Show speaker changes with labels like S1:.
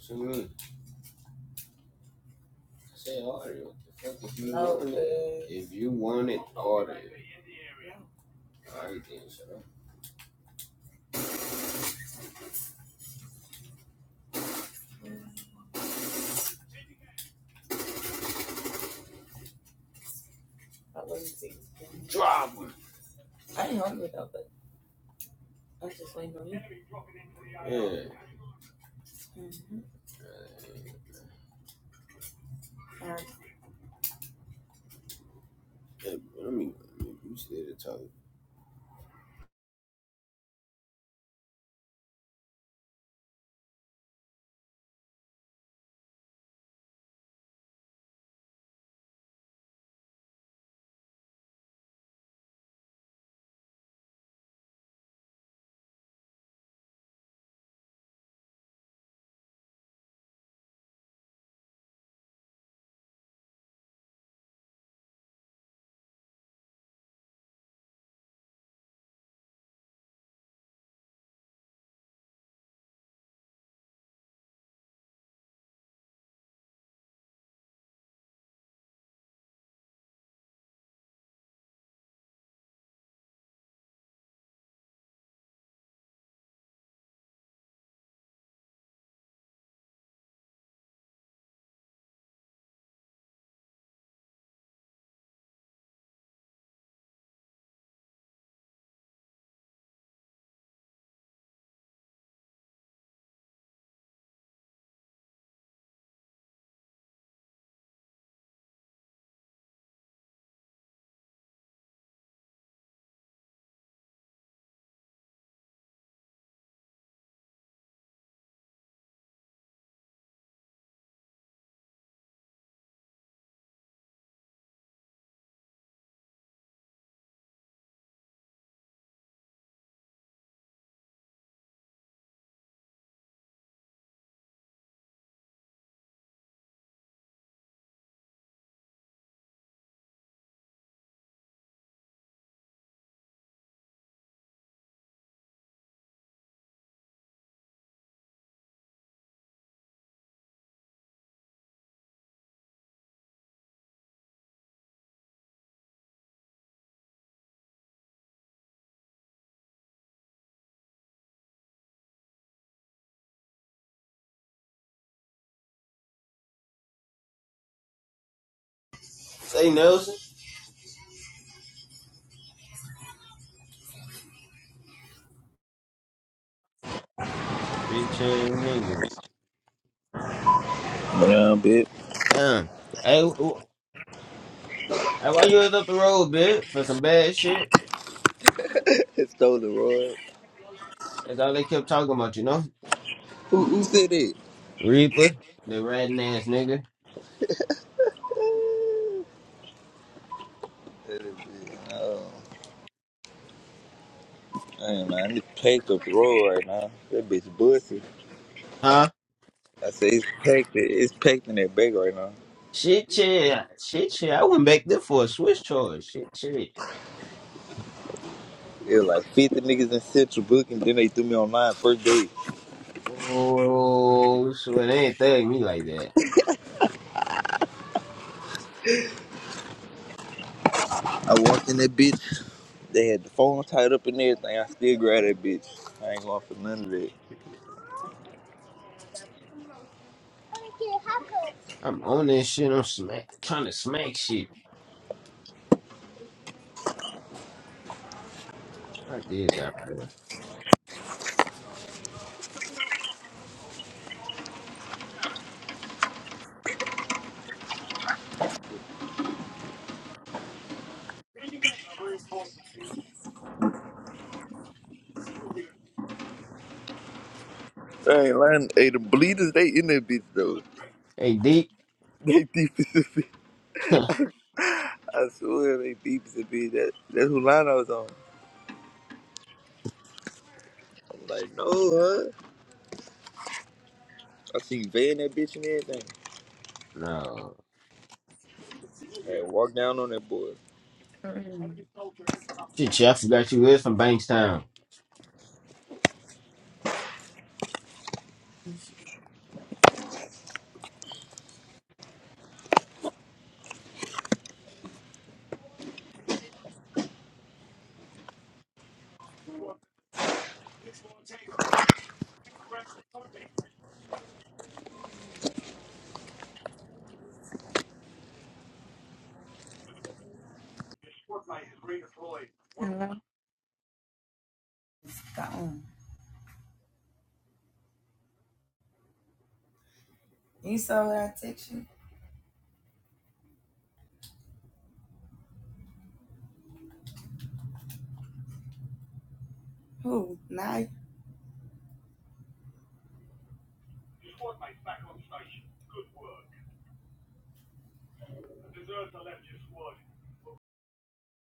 S1: Simone, say audio. What the fuck if you want it? If you want it audio, I so. Drop it. Yeah. Hey, let me. You still talk. Say Nelson. Bitch ass niggas.
S2: Well, bitch.
S1: Damn. Hey, hey, why you was up the road, bitch, for some bad shit?
S2: It's stolen, Roy.
S1: That's all they kept talking about, you know?
S2: Who, who said it?
S1: Reaper, the ratting ass nigga.
S2: That is it. Oh, Damn, man. It's packed up Roy right now. That bitch busted.
S1: Huh?
S2: I say it's packed. It's packed in that bag right now.
S1: Shit, shit. Shit, shit. I went back there for a Swiss charge. Shit, shit.
S2: It was like 50 niggas in Central Book, and then they threw me online first day.
S1: Oh, so it ain't thug me like that.
S2: I walked in that bitch. They had the phone tied up and everything. I still grabbed that bitch. I ain't going for none of that.
S1: I'm on this shit. I'm smack, trying to smack shit. I did that. Man.
S2: I ain't lying. Hey, the bleeders, they in that bitch, though.
S1: Hey, Deep.
S2: They deep. I swear they beeped the be that that's who line I was on. I'm like, no, huh? I seen Vay in that bitch and everything.
S1: no.
S2: I walked down on that boy.
S1: Shit, yeah, I forgot you was from Bankstown.